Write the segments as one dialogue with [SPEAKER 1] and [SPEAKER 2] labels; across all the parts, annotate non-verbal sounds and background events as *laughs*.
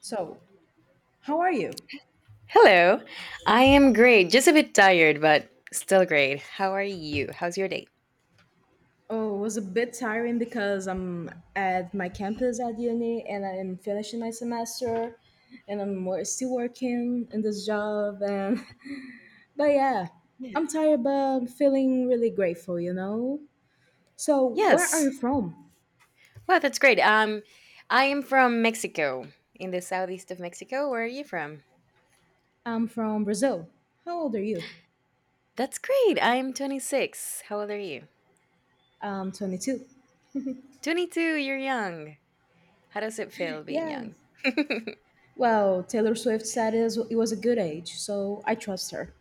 [SPEAKER 1] So, how are you?
[SPEAKER 2] Hello. I am great. Just a bit tired, but still great. How are you? How's your day?
[SPEAKER 1] Oh, it was a bit tiring because I'm at my campus at uni and I'm finishing my semester and I'm still working in this job and *laughs* but yeah,
[SPEAKER 2] Yeah.
[SPEAKER 1] I'm tired but I'm feeling really grateful, you know? So, where are
[SPEAKER 2] Yes.
[SPEAKER 1] you from?
[SPEAKER 2] Well, that's great. I am from Mexico, in the southeast of Mexico. Where are you from?
[SPEAKER 1] I'm from Brazil. How old are you?
[SPEAKER 2] That's great. I'm 26. How old are you?
[SPEAKER 1] I'm 22.
[SPEAKER 2] 22. You're young. How does it feel being young?
[SPEAKER 1] Yes. Well, Taylor Swift said it was a good age, so I trust her.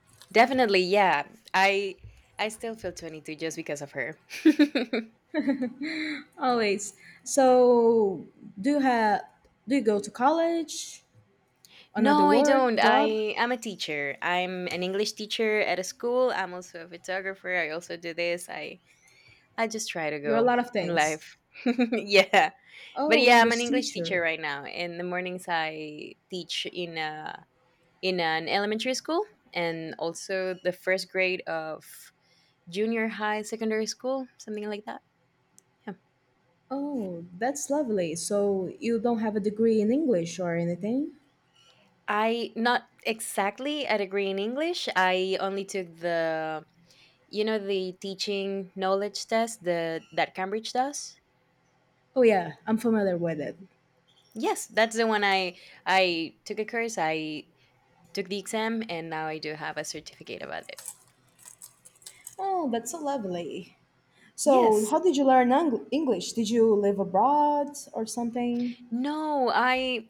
[SPEAKER 2] *laughs* Definitely, yeah. I I still feel 22 just because of her. *laughs*
[SPEAKER 1] *laughs* Always. So, do you have do you go to college, another
[SPEAKER 2] No, I
[SPEAKER 1] work,
[SPEAKER 2] don't.
[SPEAKER 1] job?
[SPEAKER 2] I am a teacher. I'm an English teacher at a school. I'm also a photographer. I also do this. I just try to
[SPEAKER 1] You're a
[SPEAKER 2] go
[SPEAKER 1] lot of
[SPEAKER 2] in
[SPEAKER 1] things.
[SPEAKER 2] life. *laughs* Yeah. But
[SPEAKER 1] Oh,
[SPEAKER 2] yeah, I'm an
[SPEAKER 1] English
[SPEAKER 2] English teacher
[SPEAKER 1] teacher.
[SPEAKER 2] right now. In the mornings I teach in a in an elementary school and also the first grade of junior high secondary school, something like that. Yeah.
[SPEAKER 1] Oh, that's lovely. So, you don't have a degree in English or anything?
[SPEAKER 2] I not exactly a degree in English. I only took the you know the teaching knowledge test the that Cambridge does.
[SPEAKER 1] Oh yeah, I'm familiar with it.
[SPEAKER 2] Yes, that's the one. I I took a course. I took the exam, and now I do have a certificate about it.
[SPEAKER 1] Oh, that's so lovely. So,
[SPEAKER 2] Yes.
[SPEAKER 1] how did you learn English? Did you live abroad or something?
[SPEAKER 2] No, I,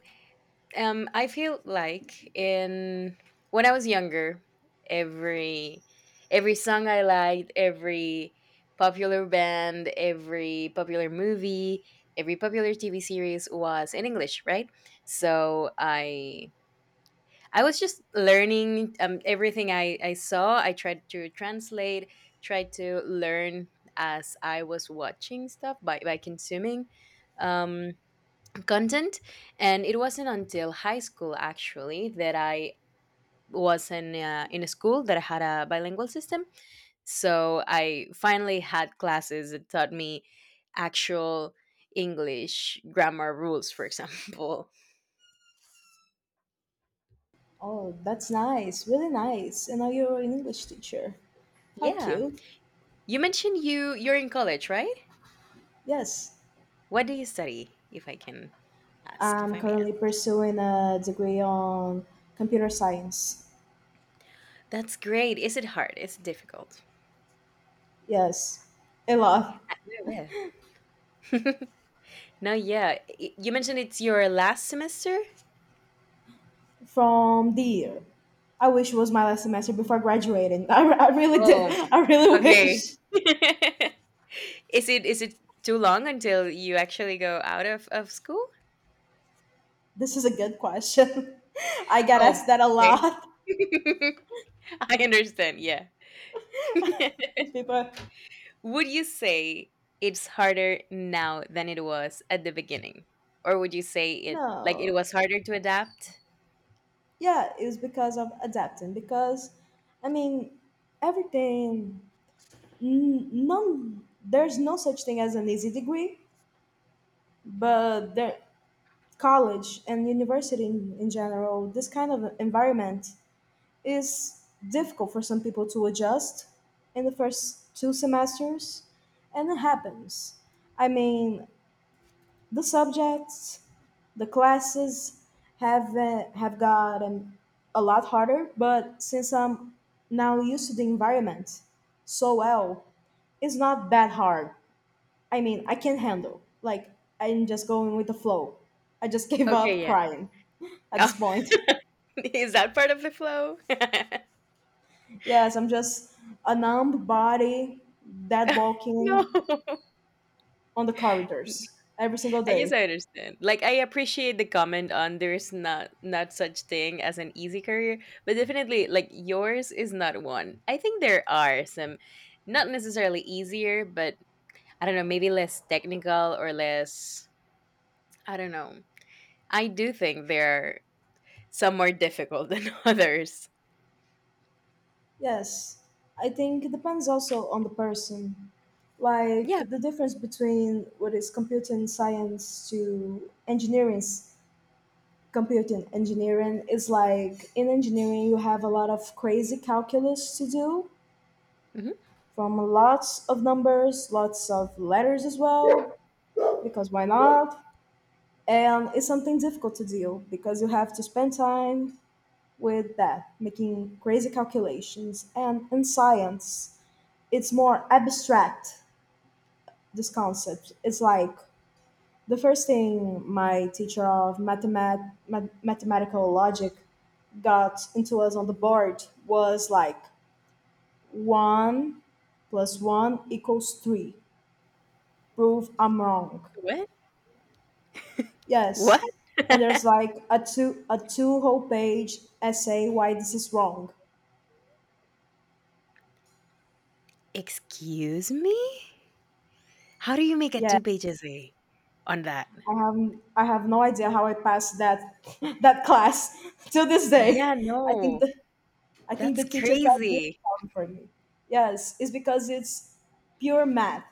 [SPEAKER 2] I feel like in when I was younger, every every song I liked, every popular band, every popular movie, every popular TV series was in English, right? so i I was just learning, everything I saw. I tried to translate, tried to learn as I was watching stuff by, consuming, um, content. And it wasn't until high school, actually, that I was in a school that had a bilingual system. So I finally had classes that taught me actual English grammar rules, for *laughs* example.
[SPEAKER 1] Oh, that's nice. Really nice. And now you're an English teacher. How
[SPEAKER 2] Yeah.
[SPEAKER 1] cute.
[SPEAKER 2] You mentioned you're in college, right?
[SPEAKER 1] Yes.
[SPEAKER 2] What do you study, if I can ask, if I
[SPEAKER 1] I'm
[SPEAKER 2] may
[SPEAKER 1] currently
[SPEAKER 2] ask?
[SPEAKER 1] pursuing a degree on computer science.
[SPEAKER 2] That's great. Is it hard? Is it difficult?
[SPEAKER 1] Yes, a lot
[SPEAKER 2] A little bit. *laughs* No, yeah. You mentioned it's your last semester?
[SPEAKER 1] from the year. I wish it was my last semester before graduating. *laughs* I really did.
[SPEAKER 2] Oh,
[SPEAKER 1] I really *laughs*
[SPEAKER 2] okay.
[SPEAKER 1] wish.
[SPEAKER 2] *laughs* Is it too long until you actually go out of school?
[SPEAKER 1] This is a good question. *laughs* I get
[SPEAKER 2] Oh,
[SPEAKER 1] asked that a
[SPEAKER 2] okay.
[SPEAKER 1] lot.
[SPEAKER 2] *laughs* I understand, yeah. *laughs*
[SPEAKER 1] *laughs* 'Cause people are,
[SPEAKER 2] Would you say it's harder now than it was at the beginning? Or would you say it like it
[SPEAKER 1] no,
[SPEAKER 2] was harder to adapt?
[SPEAKER 1] yeah, it was because of adapting. Because, I mean, everything, n- none, there's no such thing as an easy degree, but there college and university in general, this kind of environment is difficult for some people to adjust in the first 2 semesters, and it happens. I mean, the subjects, the classes have gotten a lot harder, but since I'm now used to the environment so well, it's not that hard. I mean, I can't handle. Like, I'm just going with the flow. I just *laughs* gave up
[SPEAKER 2] Okay.
[SPEAKER 1] crying *laughs* at this
[SPEAKER 2] Oh,
[SPEAKER 1] point.
[SPEAKER 2] *laughs* is that part of the flow? *laughs*
[SPEAKER 1] Yes, I'm just a numb body that
[SPEAKER 2] No,
[SPEAKER 1] walking
[SPEAKER 2] *laughs*
[SPEAKER 1] on the corridors every single
[SPEAKER 2] I guess
[SPEAKER 1] day.
[SPEAKER 2] I understand. Like I appreciate the comment on there's not such thing as an easy career, but definitely like yours is not one. I think there are some, not necessarily easier, but I don't know, maybe less technical or less, I don't know. I do think there are some more difficult *laughs* than others.
[SPEAKER 1] Yes, I think it depends also on the person. Like,
[SPEAKER 2] Yeah.
[SPEAKER 1] the difference between what is computing science to engineering computing engineering is like in engineering you have a lot of crazy calculus to do
[SPEAKER 2] Mhm.
[SPEAKER 1] from lots of numbers, lots of letters as well, because why not? And it's something difficult to deal because you have to spend time with that, making crazy calculations. And in science, it's more abstract, this concept. It's like the first thing my teacher of mathematical logic got into us on the board was like one plus one equals three. Prove I'm wrong.
[SPEAKER 2] What? What?
[SPEAKER 1] Yes. And there's like a two whole page essay why this is wrong.
[SPEAKER 2] Excuse me? How do you make it
[SPEAKER 1] Yeah,
[SPEAKER 2] 2 pages a on that?
[SPEAKER 1] I have I have no idea how I passed that *laughs* that class to this
[SPEAKER 2] Yeah,
[SPEAKER 1] day. I think
[SPEAKER 2] no.
[SPEAKER 1] the I think
[SPEAKER 2] That's
[SPEAKER 1] the teacher felt good
[SPEAKER 2] crazy.
[SPEAKER 1] for me. Yes, it's because it's pure math.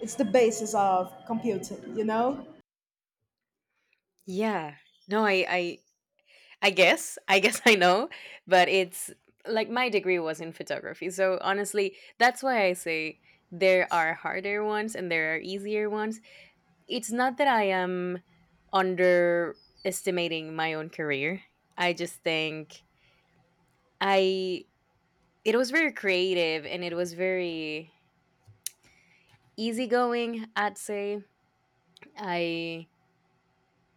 [SPEAKER 1] It's the basis of computing, you know?
[SPEAKER 2] Yeah. No, I guess. I guess I know, but it's like my degree was in photography. So honestly, that's why I say there are harder ones and there are easier ones. It's not that I am underestimating my own career. I just think, I it was very creative and it was very easygoing, I'd say. I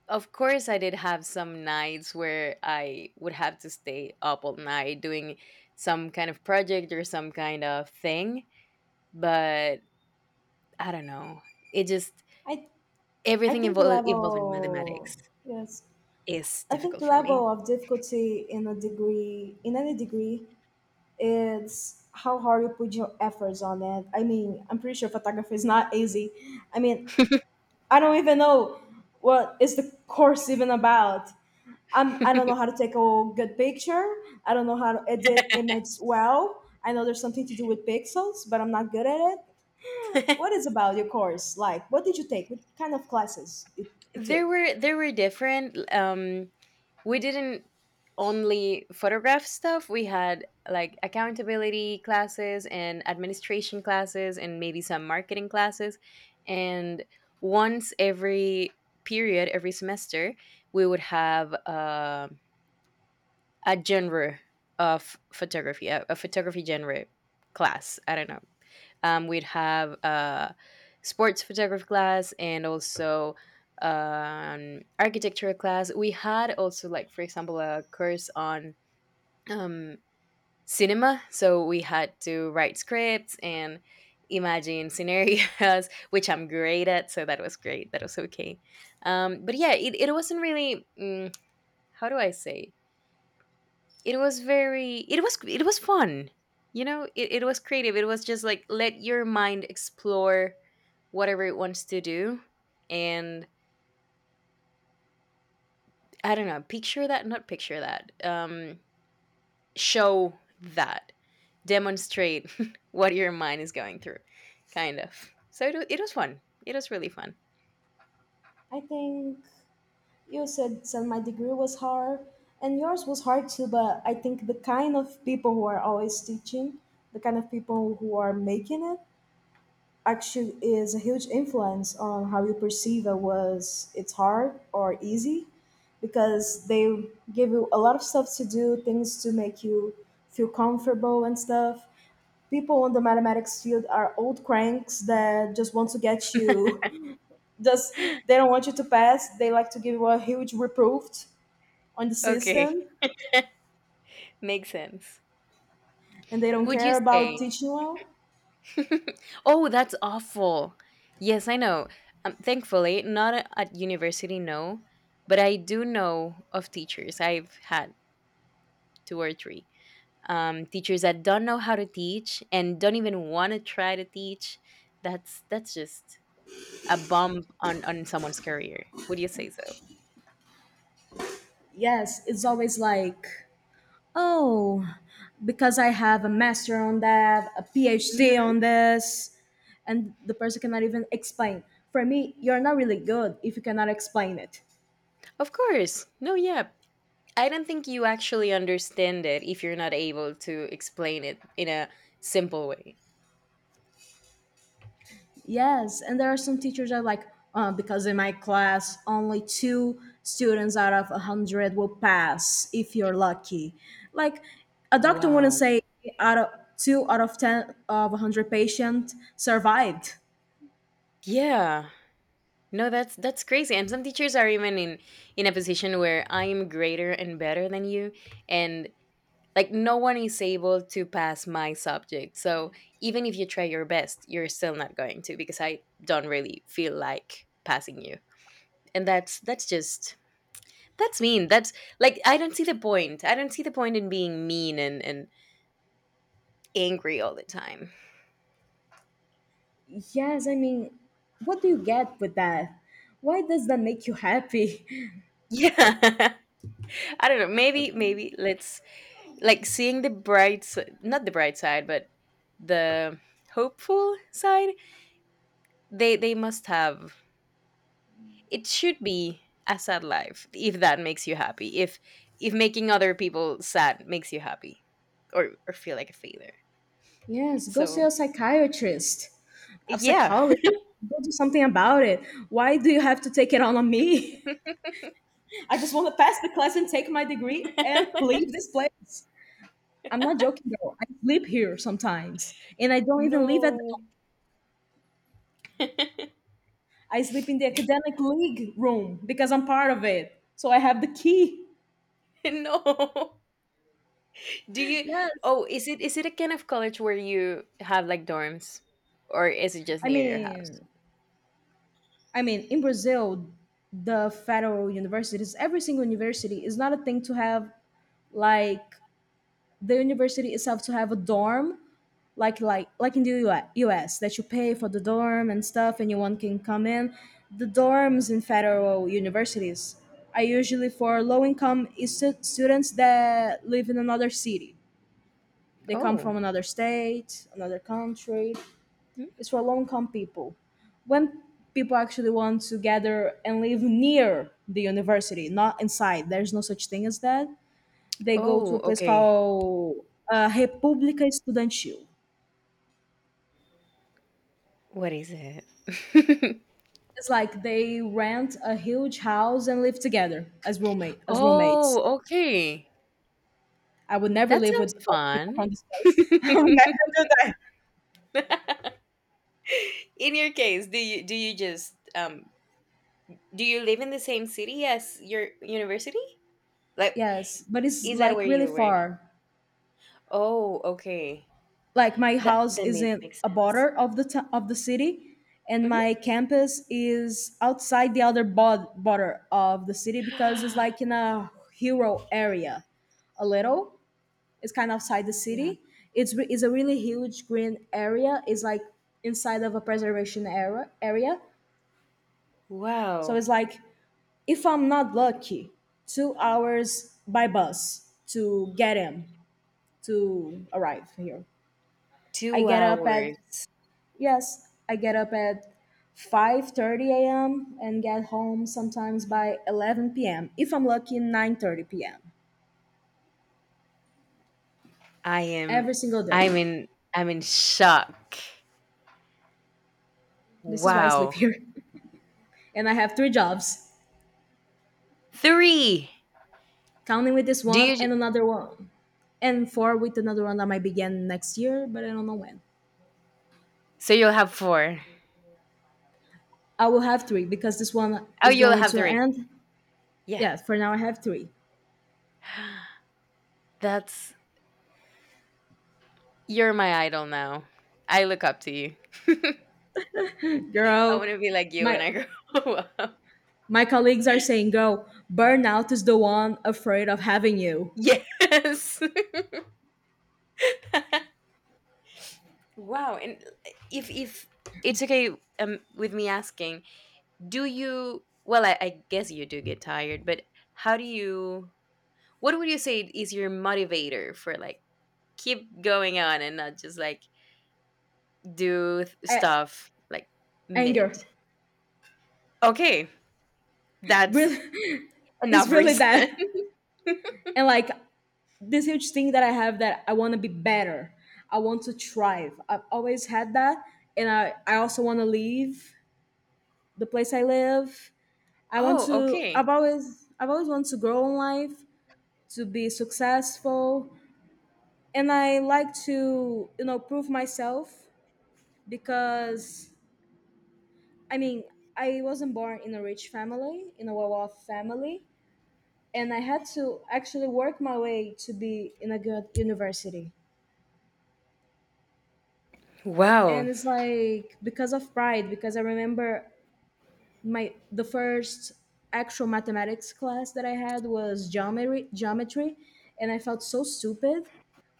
[SPEAKER 2] of course, I did have some nights where I would have to stay up all night doing some kind of project or some kind of thing, but I don't know. It just
[SPEAKER 1] I I
[SPEAKER 2] everything
[SPEAKER 1] think the
[SPEAKER 2] involving
[SPEAKER 1] level
[SPEAKER 2] mathematics
[SPEAKER 1] yes.
[SPEAKER 2] is
[SPEAKER 1] I think
[SPEAKER 2] difficult
[SPEAKER 1] the
[SPEAKER 2] for me.
[SPEAKER 1] level of difficulty in a degree in any degree it's how hard you put your efforts on it. I mean, I'm pretty sure photography is not easy. I mean, I don't even know what is the course even about. I don't know how
[SPEAKER 2] *laughs*
[SPEAKER 1] to take a good picture. I don't know how to edit image well. I know there's something to do with pixels, but I'm not good at it. What is about your course? Like, what did you take? What kind of classes you took?
[SPEAKER 2] There were different. We didn't only photograph stuff. We had like accountability classes and administration classes and maybe some marketing classes. And once every every semester, we would have, a genre of photography, a photography genre class. I don't know. We'd have a sports photography class and also an architecture class. We had also, like, for example, a course on, um, cinema. So we had to write scripts and imagine scenarios, *laughs* which I'm great at. So that was great. That was okay. But yeah, it wasn't really, how do I say? It was it was fun. You know, it was creative. It was just like let your mind explore whatever it wants to do. And I don't know, picture that, not picture that. Show that. Demonstrate *laughs* what your mind is going through. Kind of. So it was fun. It was really fun.
[SPEAKER 1] I think. You said that my degree was hard, and yours was hard too, but I think the kind of people who are always teaching, the kind of people who are making it, actually is a huge influence on how you perceive it's hard or easy because they give you a lot of stuff to do, things to make you feel comfortable and stuff. People in the mathematics field are old cranks that just want to get you *laughs* just they don't want you to pass. They like to give you a huge reproof on the
[SPEAKER 2] Okay,
[SPEAKER 1] system
[SPEAKER 2] makes sense.
[SPEAKER 1] and they don't
[SPEAKER 2] Would you
[SPEAKER 1] care about
[SPEAKER 2] say
[SPEAKER 1] teaching well.
[SPEAKER 2] *laughs* oh, that's awful. Yes, I know. Thankfully, not a- at university, no, but I do know of teachers. I've had two or three, teachers that don't know how to teach and don't even want to try to teach. That's just a bump on someone's career. Would you say so?
[SPEAKER 1] Yes, it's always like, oh, because I have a master on that, a PhD
[SPEAKER 2] Hmm.
[SPEAKER 1] on this, and the person cannot even explain. For me, you're not really good if you cannot explain it.
[SPEAKER 2] Of course. No, yeah. I don't think you actually understand it if you're not able to explain it in a simple way.
[SPEAKER 1] Yes, and there are some teachers that are like, because in my class, only two students out of 100 will pass if you're lucky. Like, a doctor wouldn't
[SPEAKER 2] Wow.
[SPEAKER 1] say out of two out of ten of 100 patients survived.
[SPEAKER 2] Yeah. No, that's crazy. And some teachers are even in a position where I am greater and better than you, and like no one is able to pass my subject. So even if you try your best, you're still not going to, because I don't really feel like passing you. And that's just, that's mean. That's like I don't see the point. I don't see the point in being mean and angry all the time. *laughs*
[SPEAKER 1] Yes, I mean, what do you get with that? Why does that make you happy? *laughs*
[SPEAKER 2] Yeah. *laughs* I don't know. Maybe let's like seeing the not the bright side, but the hopeful side. They they must have it should be a sad life if that makes you happy, if making other people sad makes you happy, or feel like a failure.
[SPEAKER 1] Yes, go see
[SPEAKER 2] So,
[SPEAKER 1] a psychiatrist, a
[SPEAKER 2] yeah.
[SPEAKER 1] psychologist. Go do something about it. Why do you have to take it on me? *laughs* I just want to pass the class and take my degree and *laughs*
[SPEAKER 2] *laughs*
[SPEAKER 1] leave this place. I'm not joking though. I sleep here sometimes, and I don't even live at the
[SPEAKER 2] No.
[SPEAKER 1] dorm.
[SPEAKER 2] *laughs*
[SPEAKER 1] I sleep in the academic league room because I'm part of it. So I have the key.
[SPEAKER 2] No. Do you
[SPEAKER 1] Yes.
[SPEAKER 2] oh is it a kind of college where you have like dorms or is it just
[SPEAKER 1] I
[SPEAKER 2] near your house?
[SPEAKER 1] mean, I mean, in Brazil, the federal universities, every single university is not a thing to have like the university itself to have a dorm like in the US, US that you pay for the dorm and stuff, and anyone can come in. The dorms in federal universities are usually for low income students that live in another city. They come
[SPEAKER 2] Oh.
[SPEAKER 1] from another state, another country.
[SPEAKER 2] Hmm?
[SPEAKER 1] It's for low income people. When people actually want to gather and live near the university, not inside, there's no such thing as that. They go to
[SPEAKER 2] Oh,
[SPEAKER 1] a place
[SPEAKER 2] okay.
[SPEAKER 1] called República Estudantil.
[SPEAKER 2] What is it? *laughs*
[SPEAKER 1] It's like they rent a huge house and live together as roommates.
[SPEAKER 2] Oh, okay.
[SPEAKER 1] I would never
[SPEAKER 2] That
[SPEAKER 1] live with
[SPEAKER 2] sounds
[SPEAKER 1] other people
[SPEAKER 2] fun.
[SPEAKER 1] from this place.
[SPEAKER 2] *laughs*
[SPEAKER 1] *laughs* I would never do that.
[SPEAKER 2] In your case, do you just, do you live in the same city as your university? Like,
[SPEAKER 1] Yes, but it's
[SPEAKER 2] is that where
[SPEAKER 1] like really
[SPEAKER 2] you were?
[SPEAKER 1] far.
[SPEAKER 2] Oh, okay.
[SPEAKER 1] Like my
[SPEAKER 2] That
[SPEAKER 1] house
[SPEAKER 2] then
[SPEAKER 1] is
[SPEAKER 2] it
[SPEAKER 1] in
[SPEAKER 2] makes
[SPEAKER 1] a
[SPEAKER 2] sense.
[SPEAKER 1] border of of the city, and my
[SPEAKER 2] Hmm.
[SPEAKER 1] campus is outside the other border of the city because it's
[SPEAKER 2] *gasps*
[SPEAKER 1] like in a rural area, a little. It's kind of outside the
[SPEAKER 2] Yeah.
[SPEAKER 1] city. It's a really huge green area. It's like inside of a preservation area. So
[SPEAKER 2] Wow.
[SPEAKER 1] it's like if I'm not lucky, 2 hours by bus to get him to arrive here. I
[SPEAKER 2] Two
[SPEAKER 1] get up at
[SPEAKER 2] hours.
[SPEAKER 1] yes, I get up at 5:30 a.m. and get home sometimes by 11 p.m. If I'm lucky, 9:30 p.m.
[SPEAKER 2] I am.
[SPEAKER 1] every single day.
[SPEAKER 2] I'm in. I'm in shock.
[SPEAKER 1] This is why I sleep
[SPEAKER 2] Wow.
[SPEAKER 1] here, *laughs* and I have three jobs,
[SPEAKER 2] Three.
[SPEAKER 1] counting with this
[SPEAKER 2] Do
[SPEAKER 1] one
[SPEAKER 2] you
[SPEAKER 1] and another one and four with another one that might begin next year but I don't know when.
[SPEAKER 2] so you'll have four.
[SPEAKER 1] I will have three because this one
[SPEAKER 2] Oh,
[SPEAKER 1] is
[SPEAKER 2] you'll
[SPEAKER 1] going
[SPEAKER 2] have
[SPEAKER 1] to
[SPEAKER 2] three.
[SPEAKER 1] end.
[SPEAKER 2] Yeah.
[SPEAKER 1] Yeah, for now I have three.
[SPEAKER 2] *gasps* That's You're my idol now. I look up to you. *laughs* I want
[SPEAKER 1] Girl,
[SPEAKER 2] to be like you when
[SPEAKER 1] my
[SPEAKER 2] I grow *laughs* up.
[SPEAKER 1] my colleagues are saying girl burnout is the one afraid of having you.
[SPEAKER 2] Yes. *laughs* Wow. And, if it's okay, with me asking, do you? Well, I guess you do get tired, but how do you? What would you say is your motivator for like keep going on and not just like
[SPEAKER 1] A-
[SPEAKER 2] stuff like mid?
[SPEAKER 1] Anger,
[SPEAKER 2] Okay, that's
[SPEAKER 1] really. *laughs* It's
[SPEAKER 2] enough
[SPEAKER 1] really that.
[SPEAKER 2] reason. *laughs*
[SPEAKER 1] And like this huge thing that I have that I want to be better. I want to thrive. I've always had that. And I also want to leave the place I live. I want
[SPEAKER 2] Oh,
[SPEAKER 1] to.
[SPEAKER 2] okay.
[SPEAKER 1] I've always wanted to grow in life, to be successful, and I like to you know prove myself because I mean I wasn't born in a rich family, in a well-off family, and I had to actually work my way to be in a good university.
[SPEAKER 2] Wow.
[SPEAKER 1] And it's like because of pride, because I remember my the first actual mathematics class that I had was geometry and I felt so stupid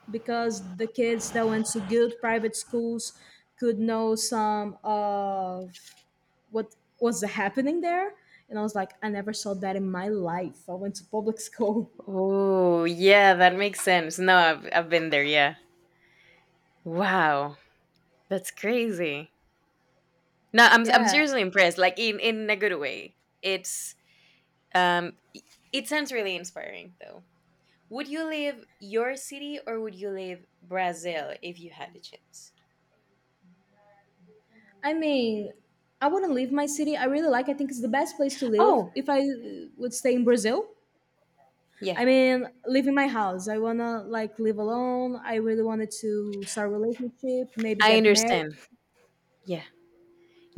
[SPEAKER 1] because the kids that went to good private schools could know some of what was happening there and I was like I never saw that in my life. I went to public school. *laughs*
[SPEAKER 2] Oh, yeah, that makes sense. No, I've been there. Yeah. Wow. That's crazy. No, I'm
[SPEAKER 1] Yeah.
[SPEAKER 2] seriously impressed. Like in a good way. It's, um, i- it sounds really inspiring though. Would you leave your city or would you leave Brazil if you had the chance?
[SPEAKER 1] I mean, I wouldn't leave my city. I really like I think it's the best place to live
[SPEAKER 2] Oh,
[SPEAKER 1] if I would stay in Brazil.
[SPEAKER 2] yeah.
[SPEAKER 1] I mean, leaving my house. I wanna like live alone. I really wanted to start a relationship, maybe
[SPEAKER 2] I
[SPEAKER 1] get married.
[SPEAKER 2] understand. Yeah.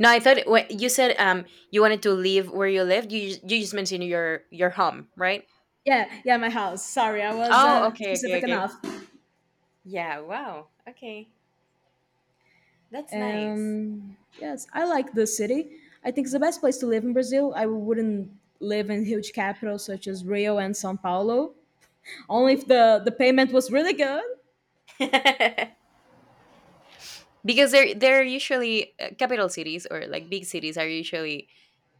[SPEAKER 2] No, I thought you said, you wanted to leave where you lived. You just mentioned your home, right?
[SPEAKER 1] Yeah, yeah, my house. Sorry, I
[SPEAKER 2] Oh,
[SPEAKER 1] wasn't
[SPEAKER 2] okay, okay,
[SPEAKER 1] specific
[SPEAKER 2] okay.
[SPEAKER 1] enough.
[SPEAKER 2] Yeah, wow. Okay. That's nice.
[SPEAKER 1] Yes, I like the city. I think it's the best place to live in Brazil. I wouldn't live in huge capitals such as Rio and São Paulo, only
[SPEAKER 2] Hmm.
[SPEAKER 1] if the payment was really good.
[SPEAKER 2] *laughs* Because they're usually, capital cities or like big cities are usually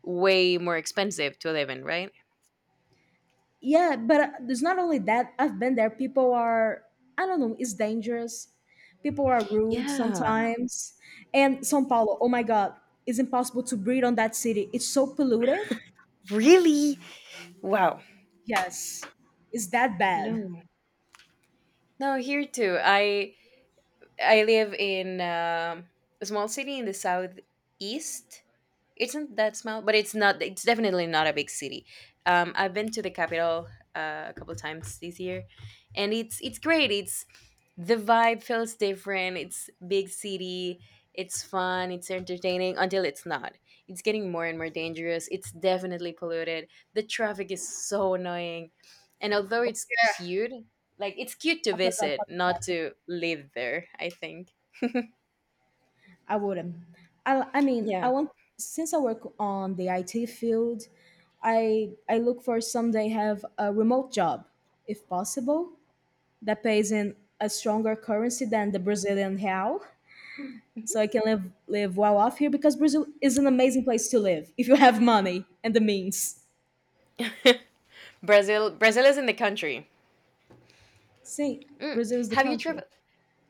[SPEAKER 2] way more expensive to live in, right?
[SPEAKER 1] Yeah, but it's not only that. I've been there. People are, I don't know, it's dangerous. People are rude
[SPEAKER 2] Yeah.
[SPEAKER 1] sometimes. And Sao Paulo, oh my god, it's impossible to breathe on that city. It's so polluted.
[SPEAKER 2] Really? Wow.
[SPEAKER 1] Yes, it's that bad.
[SPEAKER 2] No. No, here too. I live in, a small city in the southeast. It's not that small? But it's not. It's definitely not a big city. I've been to the capital, a couple times this year, and it's great. It's the vibe feels different. It's big city. It's fun. It's entertaining until it's not. It's getting more and more dangerous. It's definitely polluted. The traffic is so annoying, and although it's cute, like it's cute to
[SPEAKER 1] I forgot
[SPEAKER 2] visit,
[SPEAKER 1] about the
[SPEAKER 2] not
[SPEAKER 1] traffic.
[SPEAKER 2] to live there. I think.
[SPEAKER 1] I wouldn't I mean I
[SPEAKER 2] Yeah.
[SPEAKER 1] want, since I work on the IT field, I look for someday have a remote job if possible that pays in a stronger currency than the Brazilian real, so I can live well off here because Brazil is an amazing place to live if you have money and the means.
[SPEAKER 2] *laughs* Brazil. Brazil is in the country.
[SPEAKER 1] See,
[SPEAKER 2] Mm.
[SPEAKER 1] Brazil is the
[SPEAKER 2] Have you
[SPEAKER 1] country,
[SPEAKER 2] traveled?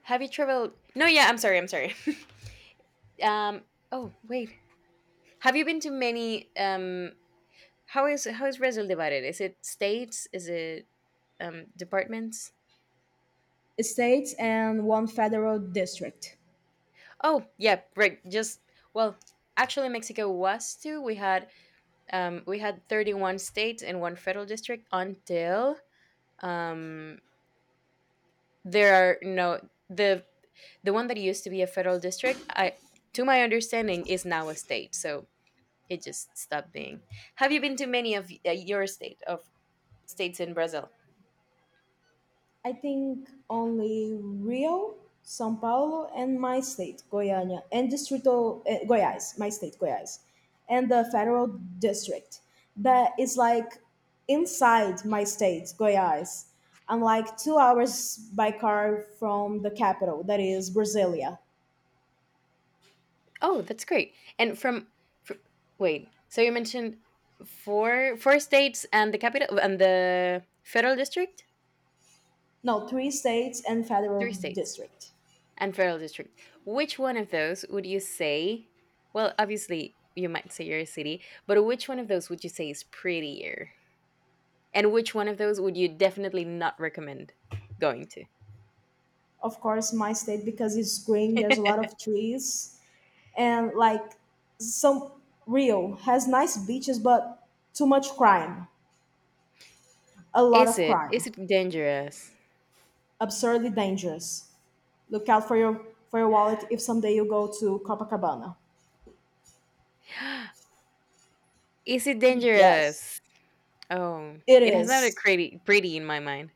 [SPEAKER 2] Have you traveled? No, yeah, I'm sorry, I'm sorry. *laughs* Um, oh wait, have you been to many? How is Brazil divided? Is it states? Is it, departments?
[SPEAKER 1] states and one federal district.
[SPEAKER 2] Oh yeah, right. Just, well, actually, Mexico was too. We had 31 states and one federal district until, um there are no the the one that used to be a federal district. I To my understanding is now a state. So it just stopped being. Have you been to many of, your states in Brazil?
[SPEAKER 1] I think only Rio, São Paulo, and my state, Goiânia, and Distrito Goiás, my state, Goiás, and the federal district that is like inside my state, Goiás. I'm like 2 hours by car from the capital, that is Brasilia.
[SPEAKER 2] Oh, that's great. And from, fr wait, so you mentioned four states and the capital and the federal district,
[SPEAKER 1] No, three states and federal
[SPEAKER 2] three states
[SPEAKER 1] district.
[SPEAKER 2] and federal district. Which one of those would you say? Well, obviously you might say your city, but which one of those would you say is prettier? And which one of those would you definitely not recommend going to?
[SPEAKER 1] Of course, my state because it's green. There's a lot of trees and like some. Rio has nice beaches, but too much crime. A
[SPEAKER 2] *laughs*
[SPEAKER 1] lot
[SPEAKER 2] Is
[SPEAKER 1] of
[SPEAKER 2] it
[SPEAKER 1] crime.
[SPEAKER 2] dangerous?
[SPEAKER 1] Absurdly dangerous. Look out for your wallet if someday you go to Copacabana.
[SPEAKER 2] *gasps* Is it
[SPEAKER 1] Yes,
[SPEAKER 2] dangerous? Oh,
[SPEAKER 1] it
[SPEAKER 2] it has not a
[SPEAKER 1] is.
[SPEAKER 2] pretty in my mind.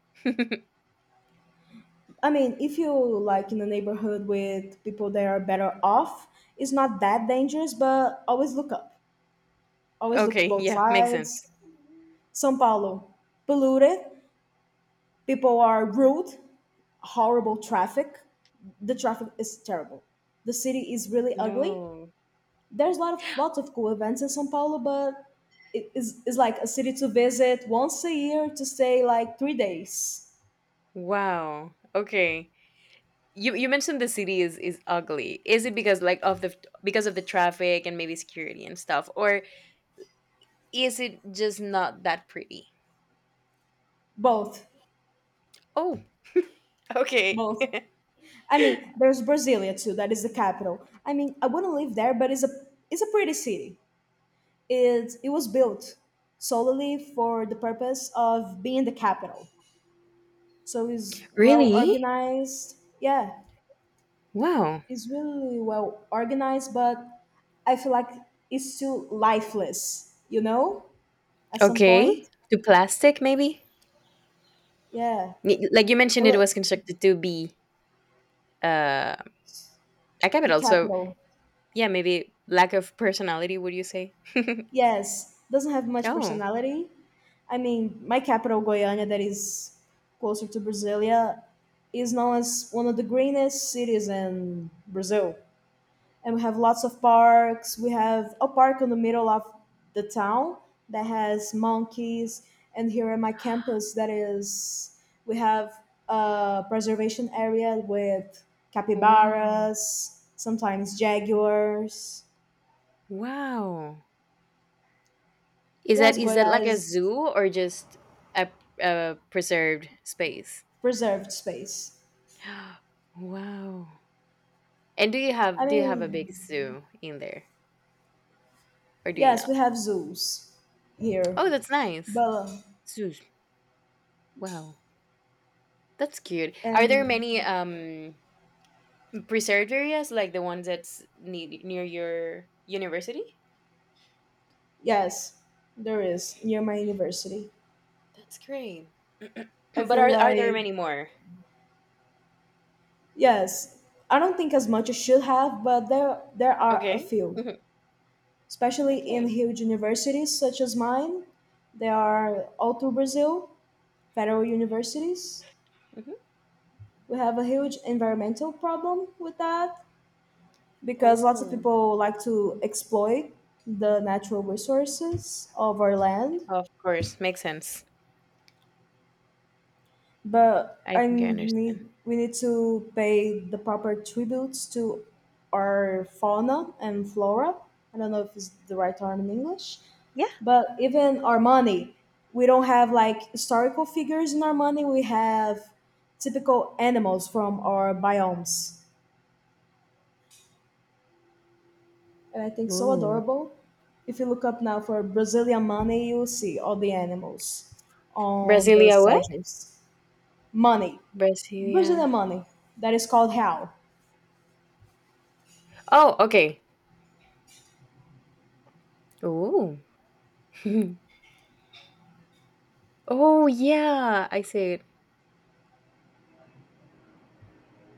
[SPEAKER 1] I mean, if you like in a neighborhood with people that are better off, it's not that dangerous, but always look up. Always look
[SPEAKER 2] Okay, *laughs*
[SPEAKER 1] both
[SPEAKER 2] yeah, makes sense.
[SPEAKER 1] sides. São Paulo, polluted. People are rude, horrible traffic. The traffic is terrible. The city is really ugly.
[SPEAKER 2] No.
[SPEAKER 1] There's a lot of lots of cool events in São Paulo, but it is like a city to visit once a year to stay like 3 days.
[SPEAKER 2] Wow. Okay. You mentioned the city is ugly. Is it because, like, of the because of the traffic and maybe security and stuff, or is it just not that pretty?
[SPEAKER 1] Both,
[SPEAKER 2] Oh, okay.
[SPEAKER 1] both.
[SPEAKER 2] *laughs*
[SPEAKER 1] I mean, there's Brasilia too. That is the capital. I mean, I wouldn't live there, but it's a pretty city. It was built solely for the purpose of being the capital, so it's well
[SPEAKER 2] Really?
[SPEAKER 1] organized, yeah.
[SPEAKER 2] Wow.
[SPEAKER 1] It's really well organized, but I feel like it's still lifeless, at some
[SPEAKER 2] Okay.
[SPEAKER 1] point.
[SPEAKER 2] To plastic maybe?
[SPEAKER 1] Yeah.
[SPEAKER 2] Like you
[SPEAKER 1] A
[SPEAKER 2] mentioned, it
[SPEAKER 1] li-
[SPEAKER 2] was constructed to be uh a
[SPEAKER 1] the
[SPEAKER 2] capital. So,
[SPEAKER 1] capital.
[SPEAKER 2] yeah, maybe lack of personality, would you say?
[SPEAKER 1] Yes, doesn't have much
[SPEAKER 2] Oh,
[SPEAKER 1] personality. I mean, my capital Goiânia, that is closer to Brasilia, is known as one of the greenest cities in Brazil, and we have lots of parks. We have a park in the middle of the town that has monkeys, and here in my campus, that is, we have a preservation area with
[SPEAKER 2] wow.
[SPEAKER 1] capybaras, sometimes jaguars.
[SPEAKER 2] Wow. Is
[SPEAKER 1] Yes,
[SPEAKER 2] that like a
[SPEAKER 1] Goiás
[SPEAKER 2] zoo or just a, a preserved space?
[SPEAKER 1] preserved space.
[SPEAKER 2] *gasps* Wow. And do
[SPEAKER 1] I
[SPEAKER 2] you have a
[SPEAKER 1] mean,
[SPEAKER 2] big zoo in there, or do you
[SPEAKER 1] yes,
[SPEAKER 2] not?
[SPEAKER 1] we have zoos here,
[SPEAKER 2] Oh, that's nice.
[SPEAKER 1] but
[SPEAKER 2] Zoos. Wow. That's cute. Are there
[SPEAKER 1] and
[SPEAKER 2] many preserved areas like the ones that's near your university?
[SPEAKER 1] yes, there is near my university.
[SPEAKER 2] That's great.
[SPEAKER 1] I
[SPEAKER 2] *clears throat* But
[SPEAKER 1] feel
[SPEAKER 2] are there
[SPEAKER 1] like,
[SPEAKER 2] many more?
[SPEAKER 1] yes, I don't think as much as should have, but there are a
[SPEAKER 2] Okay.
[SPEAKER 1] few,
[SPEAKER 2] Mhm.
[SPEAKER 1] especially in
[SPEAKER 2] Okay.
[SPEAKER 1] huge universities such as mine. There are all through Brazil, federal universities.
[SPEAKER 2] Hmm.
[SPEAKER 1] We have a huge environmental problem with that because lots of
[SPEAKER 2] Oh,
[SPEAKER 1] people like to exploit the natural resources of our land,
[SPEAKER 2] of course, makes sense.
[SPEAKER 1] but
[SPEAKER 2] I
[SPEAKER 1] I
[SPEAKER 2] think I understand.
[SPEAKER 1] need we need to pay the proper tributes to our fauna and flora. I don't know if it's the right term in English,
[SPEAKER 2] Yeah.
[SPEAKER 1] but even our money, we don't have like historical figures in our money. We have typical animals from our biomes, and I think so
[SPEAKER 2] Ooh.
[SPEAKER 1] adorable. If you look up now for Brazilian money, you'll see all the animals on the
[SPEAKER 2] Brasilia what?
[SPEAKER 1] sedges. Money,
[SPEAKER 2] Brasilia.
[SPEAKER 1] Brazilian money, that is called how?
[SPEAKER 2] Oh, okay. Ooh. *laughs* Oh yeah, I see it.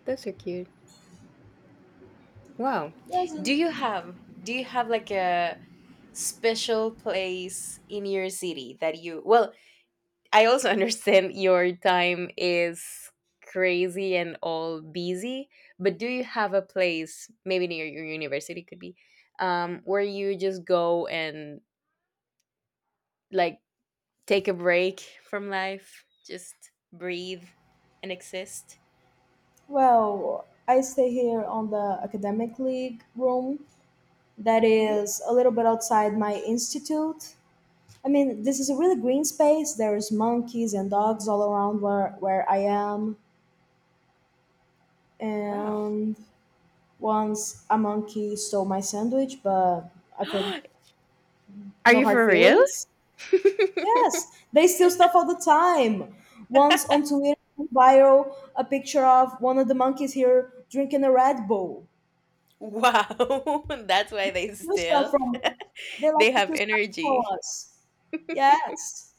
[SPEAKER 2] Those are cute. Wow. Do
[SPEAKER 1] Doesn't.
[SPEAKER 2] you have like a special place in your city that you, well, I also *laughs* understand your time is crazy and all busy, but do you have a place maybe near your university, could be where you just go and like take a break from life, just breathe and exist.
[SPEAKER 1] Well, I stay here on the academic league room that
[SPEAKER 2] Mhm.
[SPEAKER 1] is a little bit outside my institute. I mean, this is a really green space. There's monkeys and dogs all around where I am.
[SPEAKER 2] Wow.
[SPEAKER 1] And once a monkey stole my sandwich, but I've heard
[SPEAKER 2] *gasps* Are
[SPEAKER 1] no
[SPEAKER 2] you
[SPEAKER 1] hard
[SPEAKER 2] for real?
[SPEAKER 1] feelings.
[SPEAKER 2] *laughs*
[SPEAKER 1] Yes, they steal stuff all the time. Once on Twitter, viral a picture of one of the monkeys here drinking a Red Bull.
[SPEAKER 2] Wow. *laughs* That's why they
[SPEAKER 1] Few stuff
[SPEAKER 2] still,
[SPEAKER 1] from they
[SPEAKER 2] they
[SPEAKER 1] like to
[SPEAKER 2] have
[SPEAKER 1] do stuff for
[SPEAKER 2] energy.
[SPEAKER 1] us. Yes.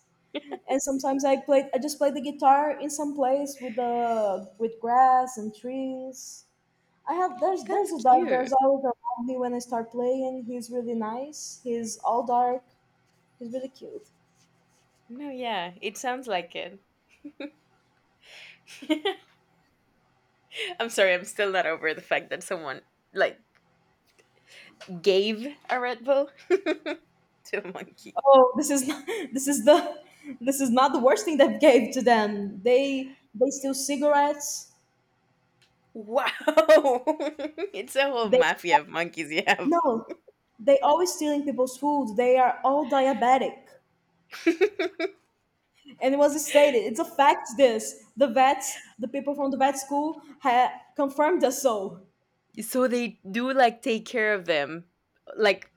[SPEAKER 1] And sometimes I just play the guitar in some place with the with grass and trees. I have there's
[SPEAKER 2] That's
[SPEAKER 1] a dog there's
[SPEAKER 2] cute.
[SPEAKER 1] always around me when I start playing. He's really nice. He's all dark. He's really cute.
[SPEAKER 2] No, yeah, it sounds like it. *laughs* I'm sorry, I'm still not over the fact that someone, like, gave a Red Bull *laughs* to a monkey.
[SPEAKER 1] Oh, this is not, *laughs* this is the this is not the worst thing that gave to them. They steal cigarettes.
[SPEAKER 2] Wow. *laughs* It's a whole
[SPEAKER 1] They
[SPEAKER 2] mafia of monkeys you have.
[SPEAKER 1] no, they always stealing people's food. They are all diabetic.
[SPEAKER 2] *laughs*
[SPEAKER 1] And it was stated, it's a fact, this the vets, the people from the vet school ha- confirmed us. So
[SPEAKER 2] So they do like take care of them. Like,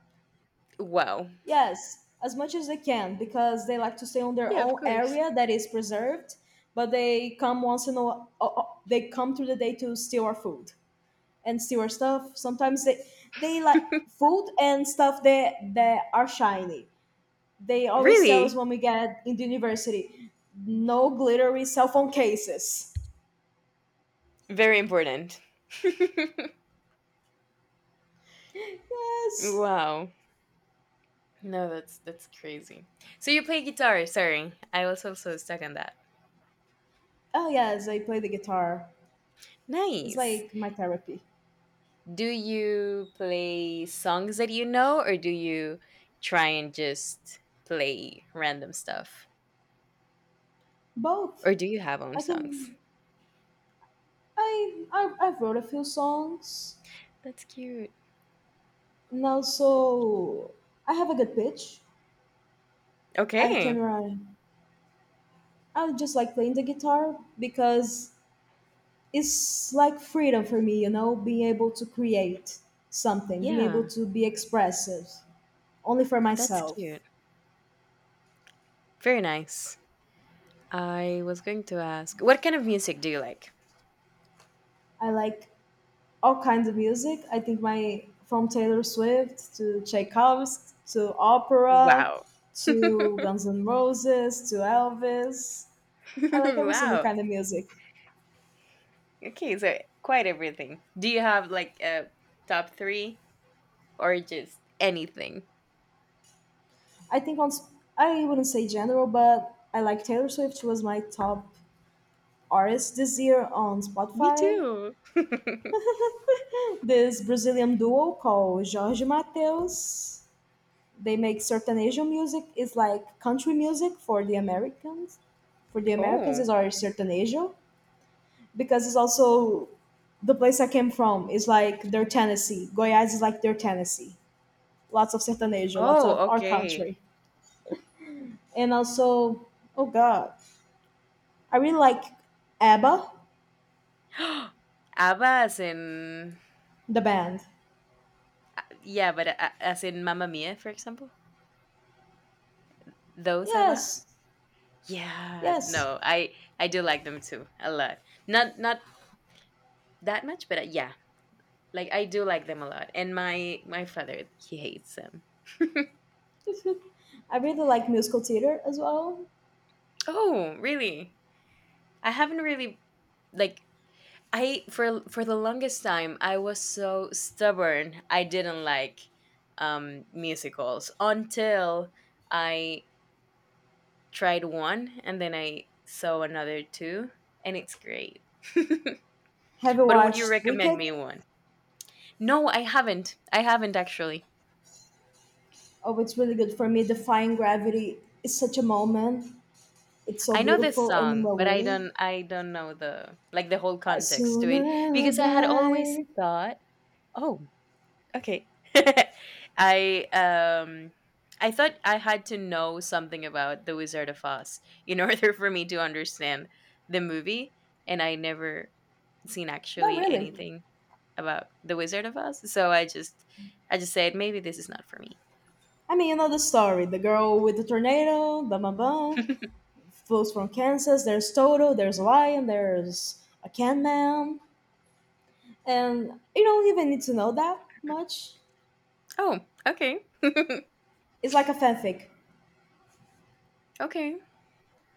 [SPEAKER 2] wow.
[SPEAKER 1] yes, as much as they can because they like to stay on their
[SPEAKER 2] Yeah, of
[SPEAKER 1] own
[SPEAKER 2] course.
[SPEAKER 1] area that is preserved, but they come once in a while, they come through the day to steal our food and steal our stuff. Sometimes they like food and stuff that are shiny. They always tell us
[SPEAKER 2] Really?
[SPEAKER 1] when we get in the university: no glittery cell phone cases.
[SPEAKER 2] Very important.
[SPEAKER 1] *laughs*
[SPEAKER 2] *laughs*
[SPEAKER 1] yes.
[SPEAKER 2] Wow. No, that's crazy. So you play guitar, sorry. I was also stuck on that.
[SPEAKER 1] Oh yes, I play the guitar. It's
[SPEAKER 2] Nice.
[SPEAKER 1] like my therapy.
[SPEAKER 2] Do you play songs that you know, or do you try and just play random stuff?
[SPEAKER 1] Both.
[SPEAKER 2] Or do you have own
[SPEAKER 1] I
[SPEAKER 2] songs?
[SPEAKER 1] can. I wrote a few songs.
[SPEAKER 2] That's cute.
[SPEAKER 1] And
[SPEAKER 2] That's cute.
[SPEAKER 1] also, I have a good pitch. I can
[SPEAKER 2] Okay.
[SPEAKER 1] run. I just like playing the guitar because it's like freedom for me. You know, being able to create something, being able
[SPEAKER 2] Yeah,
[SPEAKER 1] to be expressive, only for
[SPEAKER 2] that's
[SPEAKER 1] myself.
[SPEAKER 2] cute. Very nice. I was going to ask, what kind of music do you like?
[SPEAKER 1] I like all kinds of music. I think my from Taylor Swift to Tchaikovsky to opera
[SPEAKER 2] Wow. *laughs*
[SPEAKER 1] to Guns N' Roses to Elvis. I like every single
[SPEAKER 2] Wow.
[SPEAKER 1] kind of music.
[SPEAKER 2] Okay, so quite everything. Do you have like a top three, or just anything?
[SPEAKER 1] I think once I wouldn't say general, but I like Taylor Swift was my top artist this year on
[SPEAKER 2] Me
[SPEAKER 1] Spotify.
[SPEAKER 2] too. *laughs*
[SPEAKER 1] This Brazilian duo called Jorge Mateus. They make sertanejo music. It's like country music for the Americans. For the Americans,
[SPEAKER 2] Oh.
[SPEAKER 1] is our sertanejo because it's also the place I came from is like their Tennessee. Goiás is like their Tennessee. Lots of sertanejo, lots of
[SPEAKER 2] Oh,
[SPEAKER 1] our
[SPEAKER 2] okay.
[SPEAKER 1] country. And also, oh God, I really like ABBA,
[SPEAKER 2] *gasps* ABBA as in,
[SPEAKER 1] the band.
[SPEAKER 2] yeah, but as in Mamma Mia, for example? Those ABBA?
[SPEAKER 1] Yes,
[SPEAKER 2] Yeah,
[SPEAKER 1] yes.
[SPEAKER 2] no, I do like them too a lot. Not not that much, but yeah, like I do like them a lot. And my father, he hates them.
[SPEAKER 1] I really like musical theater as well.
[SPEAKER 2] Oh, really? I haven't really, like, I for the longest time I was so stubborn. I didn't like musicals until I tried one, and then I saw another two, and it's great.
[SPEAKER 1] Have
[SPEAKER 2] *laughs*
[SPEAKER 1] you
[SPEAKER 2] But would you
[SPEAKER 1] watched Wicked?
[SPEAKER 2] recommend me one? No, I haven't. I haven't actually.
[SPEAKER 1] Oh, it's really good for me. Defying Gravity is such a moment. It's
[SPEAKER 2] I
[SPEAKER 1] so
[SPEAKER 2] know this
[SPEAKER 1] beautiful and
[SPEAKER 2] song,
[SPEAKER 1] we're
[SPEAKER 2] but I
[SPEAKER 1] waiting.
[SPEAKER 2] don't I don't know the, like, the whole
[SPEAKER 1] I
[SPEAKER 2] context to
[SPEAKER 1] soon
[SPEAKER 2] it because I had always
[SPEAKER 1] abide.
[SPEAKER 2] thought, oh, okay. *laughs* I um I thought I had to know something about The Wizard of Oz in order *laughs* for me to understand the movie, and I never seen
[SPEAKER 1] Not
[SPEAKER 2] actually
[SPEAKER 1] really.
[SPEAKER 2] anything about The Wizard of Oz, so I just, I just said maybe this is not for
[SPEAKER 1] I mean, you know the story. The girl with the tornado, blah, blah, blah.
[SPEAKER 2] me. *laughs*
[SPEAKER 1] Folks from Kansas. There's Toto, there's a lion, there's a can man. And you don't even need to know that much.
[SPEAKER 2] Oh, okay.
[SPEAKER 1] It's like a fanfic.
[SPEAKER 2] *laughs* Okay.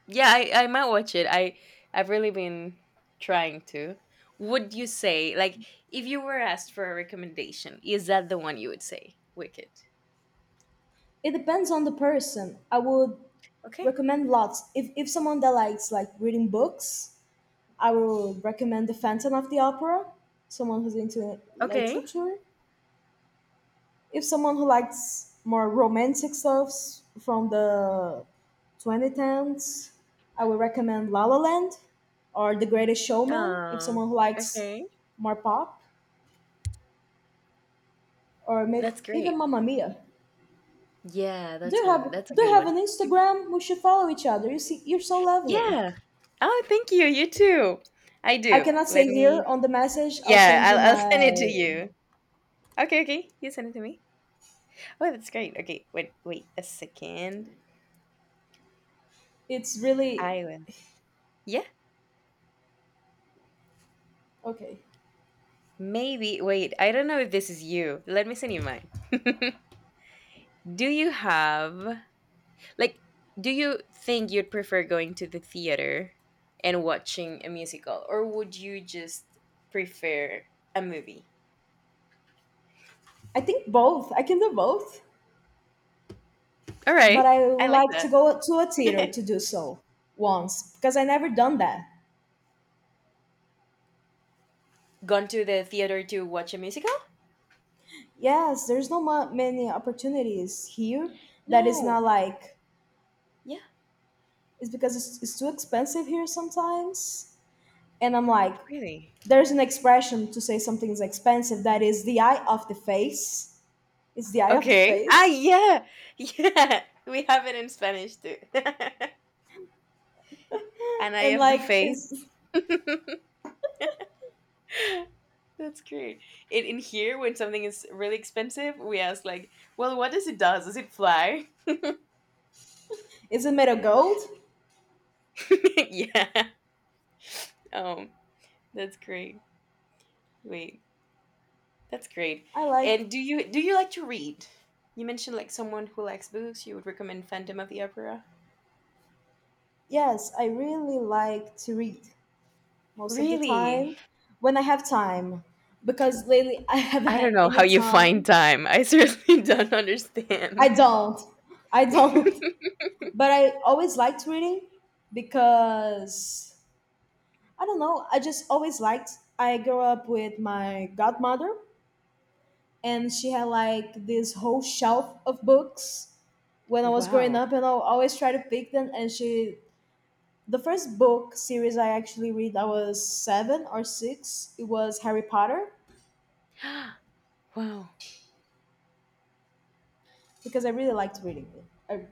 [SPEAKER 2] Yeah, I might watch it. I I've really been trying to. Would you say, like, if you were asked for a recommendation, is that the one you would say? Wicked.
[SPEAKER 1] It depends on the person. I would
[SPEAKER 2] Okay.
[SPEAKER 1] recommend lots. If someone that likes like reading books, I would recommend The Phantom of the Opera. Someone who's into
[SPEAKER 2] Okay.
[SPEAKER 1] literature. If someone who likes more romantic stuffs from the 2010s, I would recommend La La Land or The Greatest Showman. If
[SPEAKER 2] Oh.
[SPEAKER 1] someone who likes
[SPEAKER 2] Okay.
[SPEAKER 1] more pop, or maybe
[SPEAKER 2] That's
[SPEAKER 1] even
[SPEAKER 2] great.
[SPEAKER 1] Mamma Mia.
[SPEAKER 2] Yeah,
[SPEAKER 1] Do
[SPEAKER 2] that's
[SPEAKER 1] you
[SPEAKER 2] one.
[SPEAKER 1] have
[SPEAKER 2] That's a
[SPEAKER 1] do
[SPEAKER 2] good
[SPEAKER 1] you have
[SPEAKER 2] one.
[SPEAKER 1] an Instagram? We should follow each other. You see, you're so lovely.
[SPEAKER 2] Yeah. Oh, thank you. You too. I
[SPEAKER 1] I
[SPEAKER 2] do.
[SPEAKER 1] cannot say
[SPEAKER 2] Let
[SPEAKER 1] here
[SPEAKER 2] me.
[SPEAKER 1] on the message. I'll
[SPEAKER 2] Yeah,
[SPEAKER 1] send you
[SPEAKER 2] I'll *laughs*
[SPEAKER 1] my.
[SPEAKER 2] send it to you. Okay. Okay. You send it to me. Oh, that's great. Okay. Wait. Wait a second.
[SPEAKER 1] It's really
[SPEAKER 2] I will. Yeah.
[SPEAKER 1] okay.
[SPEAKER 2] Maybe, wait, I don't know if this is you. Let me send you mine. *laughs* Do you have, like, do you think you'd prefer going to the theater and watching a musical, or would you just prefer a movie?
[SPEAKER 1] I think both. I can do both.
[SPEAKER 2] All
[SPEAKER 1] But
[SPEAKER 2] right,
[SPEAKER 1] I
[SPEAKER 2] I
[SPEAKER 1] would
[SPEAKER 2] like
[SPEAKER 1] like to
[SPEAKER 2] that.
[SPEAKER 1] go to a theater
[SPEAKER 2] *laughs*
[SPEAKER 1] to do so once because I never done that.
[SPEAKER 2] Gone to the theater to watch a musical?
[SPEAKER 1] Yes, there's no ma- many opportunities here that is
[SPEAKER 2] No,
[SPEAKER 1] not like
[SPEAKER 2] yeah,
[SPEAKER 1] it's because it's too expensive here sometimes. And I'm like,
[SPEAKER 2] really.
[SPEAKER 1] there's an expression to say something's expensive that is the eye of the face. It's the eye of the
[SPEAKER 2] Okay. Ah,
[SPEAKER 1] face.
[SPEAKER 2] yeah, *laughs* yeah, we have it in Spanish too. *laughs*
[SPEAKER 1] And
[SPEAKER 2] Anaya of the
[SPEAKER 1] like,
[SPEAKER 2] Faith. That's great. In here, when something is really expensive, we ask like, "Well, what does it does? Does it fly?"
[SPEAKER 1] is it made of gold?
[SPEAKER 2] *laughs* Yeah. Um. That's great. Wait. That's great.
[SPEAKER 1] I like.
[SPEAKER 2] And do you like to read? You mentioned like someone who likes books, you would recommend Phantom of the Opera.
[SPEAKER 1] Yes, I really like to read. Most of the
[SPEAKER 2] Really?
[SPEAKER 1] time when I have time. Because lately *laughs* I haven't
[SPEAKER 2] I don't
[SPEAKER 1] had
[SPEAKER 2] know
[SPEAKER 1] any
[SPEAKER 2] how you *laughs* find
[SPEAKER 1] time.
[SPEAKER 2] time. I seriously *laughs* don't
[SPEAKER 1] I
[SPEAKER 2] understand.
[SPEAKER 1] don't. I don't. *laughs* But I always liked reading because I don't know. I just always liked. I grew up with my godmother, and she had like this whole shelf of books when I was growing
[SPEAKER 2] Wow.
[SPEAKER 1] up, and I always try to pick them. And she, the first book series I actually read, I was 7 or 6. It was Harry Potter
[SPEAKER 2] *gasps* Wow.
[SPEAKER 1] because I really liked reading it. I,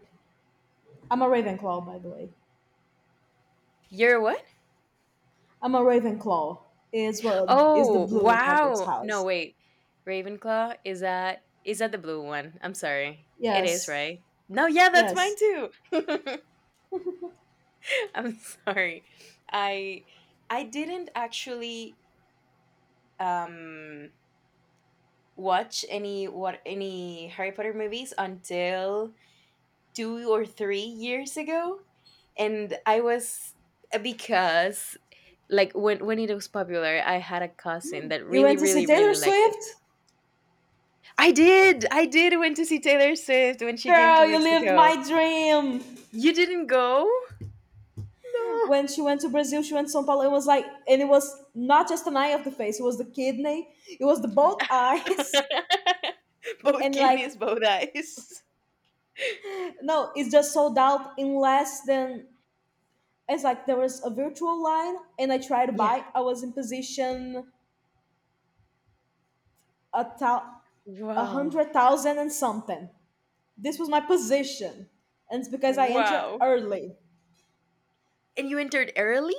[SPEAKER 1] I'm a Ravenclaw, by the way.
[SPEAKER 2] You're what?
[SPEAKER 1] I'm a Ravenclaw. Is well is the
[SPEAKER 2] Oh,
[SPEAKER 1] blue Hogwarts
[SPEAKER 2] wow. No,
[SPEAKER 1] house.
[SPEAKER 2] wait. Ravenclaw, is that the blue one? I'm sorry. It is,
[SPEAKER 1] Yes,
[SPEAKER 2] right? No, yeah, that's mine
[SPEAKER 1] yes.
[SPEAKER 2] too. *laughs* I'm sorry. I I didn't actually um watch any what any Harry Potter movies until 2 or 3 years ago, and I was because, like, when it was popular, I had a cousin that
[SPEAKER 1] You
[SPEAKER 2] really
[SPEAKER 1] went to see
[SPEAKER 2] really
[SPEAKER 1] Taylor
[SPEAKER 2] really liked it.
[SPEAKER 1] Swift,
[SPEAKER 2] I did. I did went to see Taylor Swift when she came to
[SPEAKER 1] girl. You lived
[SPEAKER 2] Mexico.
[SPEAKER 1] my dream.
[SPEAKER 2] You didn't go? No.
[SPEAKER 1] When she went to Brazil, she went to São Paulo. It was like, and it was not just an eye of the face. It was the kidney. It was the both eyes. *laughs*
[SPEAKER 2] *laughs* Both
[SPEAKER 1] And like,
[SPEAKER 2] kidneys, both eyes.
[SPEAKER 1] no, it's just sold out in less than. It's like there was a virtual line, and I tried to
[SPEAKER 2] Yeah.
[SPEAKER 1] buy. I was in position a thousand a
[SPEAKER 2] Wow.
[SPEAKER 1] hundred thousand and something. This was my position, and it's because I entered
[SPEAKER 2] Wow.
[SPEAKER 1] early.
[SPEAKER 2] And you entered early?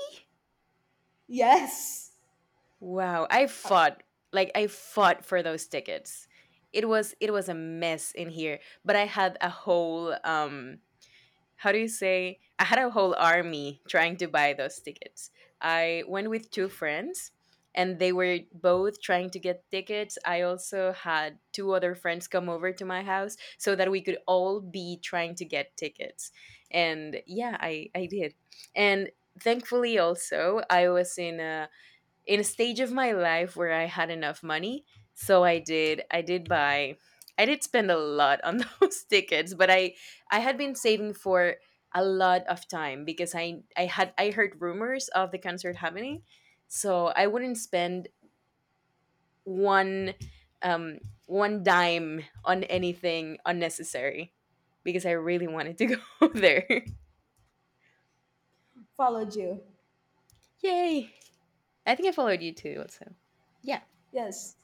[SPEAKER 1] Yes,
[SPEAKER 2] Wow. I
[SPEAKER 1] I
[SPEAKER 2] fought. Like I fought for those tickets. It was a mess in here, but I had a whole how do you say, I had a whole army trying to buy those tickets. I went with two friends, and they were both trying to get tickets. I also had two other friends come over to my house so that we could all be trying to get tickets. And yeah, I did, and thankfully also I was in a stage of my life where I had enough money, so I did, I did buy, I did spend a lot on *laughs* those tickets, but I had been saving for a lot of time because I had, I heard rumors of the concert happening, so I wouldn't spend one um one dime on anything unnecessary because I really wanted to *laughs* go there.
[SPEAKER 1] followed you.
[SPEAKER 2] Yay! I think I followed you too also. Yeah.
[SPEAKER 1] Yes,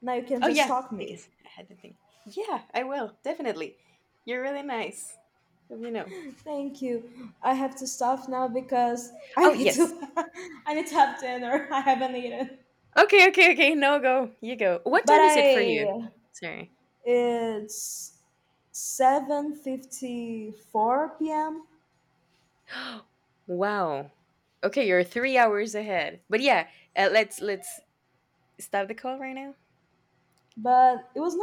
[SPEAKER 1] now you can
[SPEAKER 2] Oh
[SPEAKER 1] just
[SPEAKER 2] yeah,
[SPEAKER 1] talk me.
[SPEAKER 2] because I had the thing. Yeah, I will definitely. You're really nice. Hope you know.
[SPEAKER 1] Thank you. I have to stop now because I
[SPEAKER 2] Oh
[SPEAKER 1] need
[SPEAKER 2] yes.
[SPEAKER 1] to. *laughs* I need to have dinner. *laughs* I haven't eaten.
[SPEAKER 2] Okay, okay, okay. No, go. You go. What
[SPEAKER 1] But
[SPEAKER 2] time is it for you?
[SPEAKER 1] I.
[SPEAKER 2] Sorry.
[SPEAKER 1] It's 7:54 p.m.
[SPEAKER 2] *gasps* Wow. Okay, you're 3 hours ahead. But yeah, let's stop the call right now.
[SPEAKER 1] But it was nice.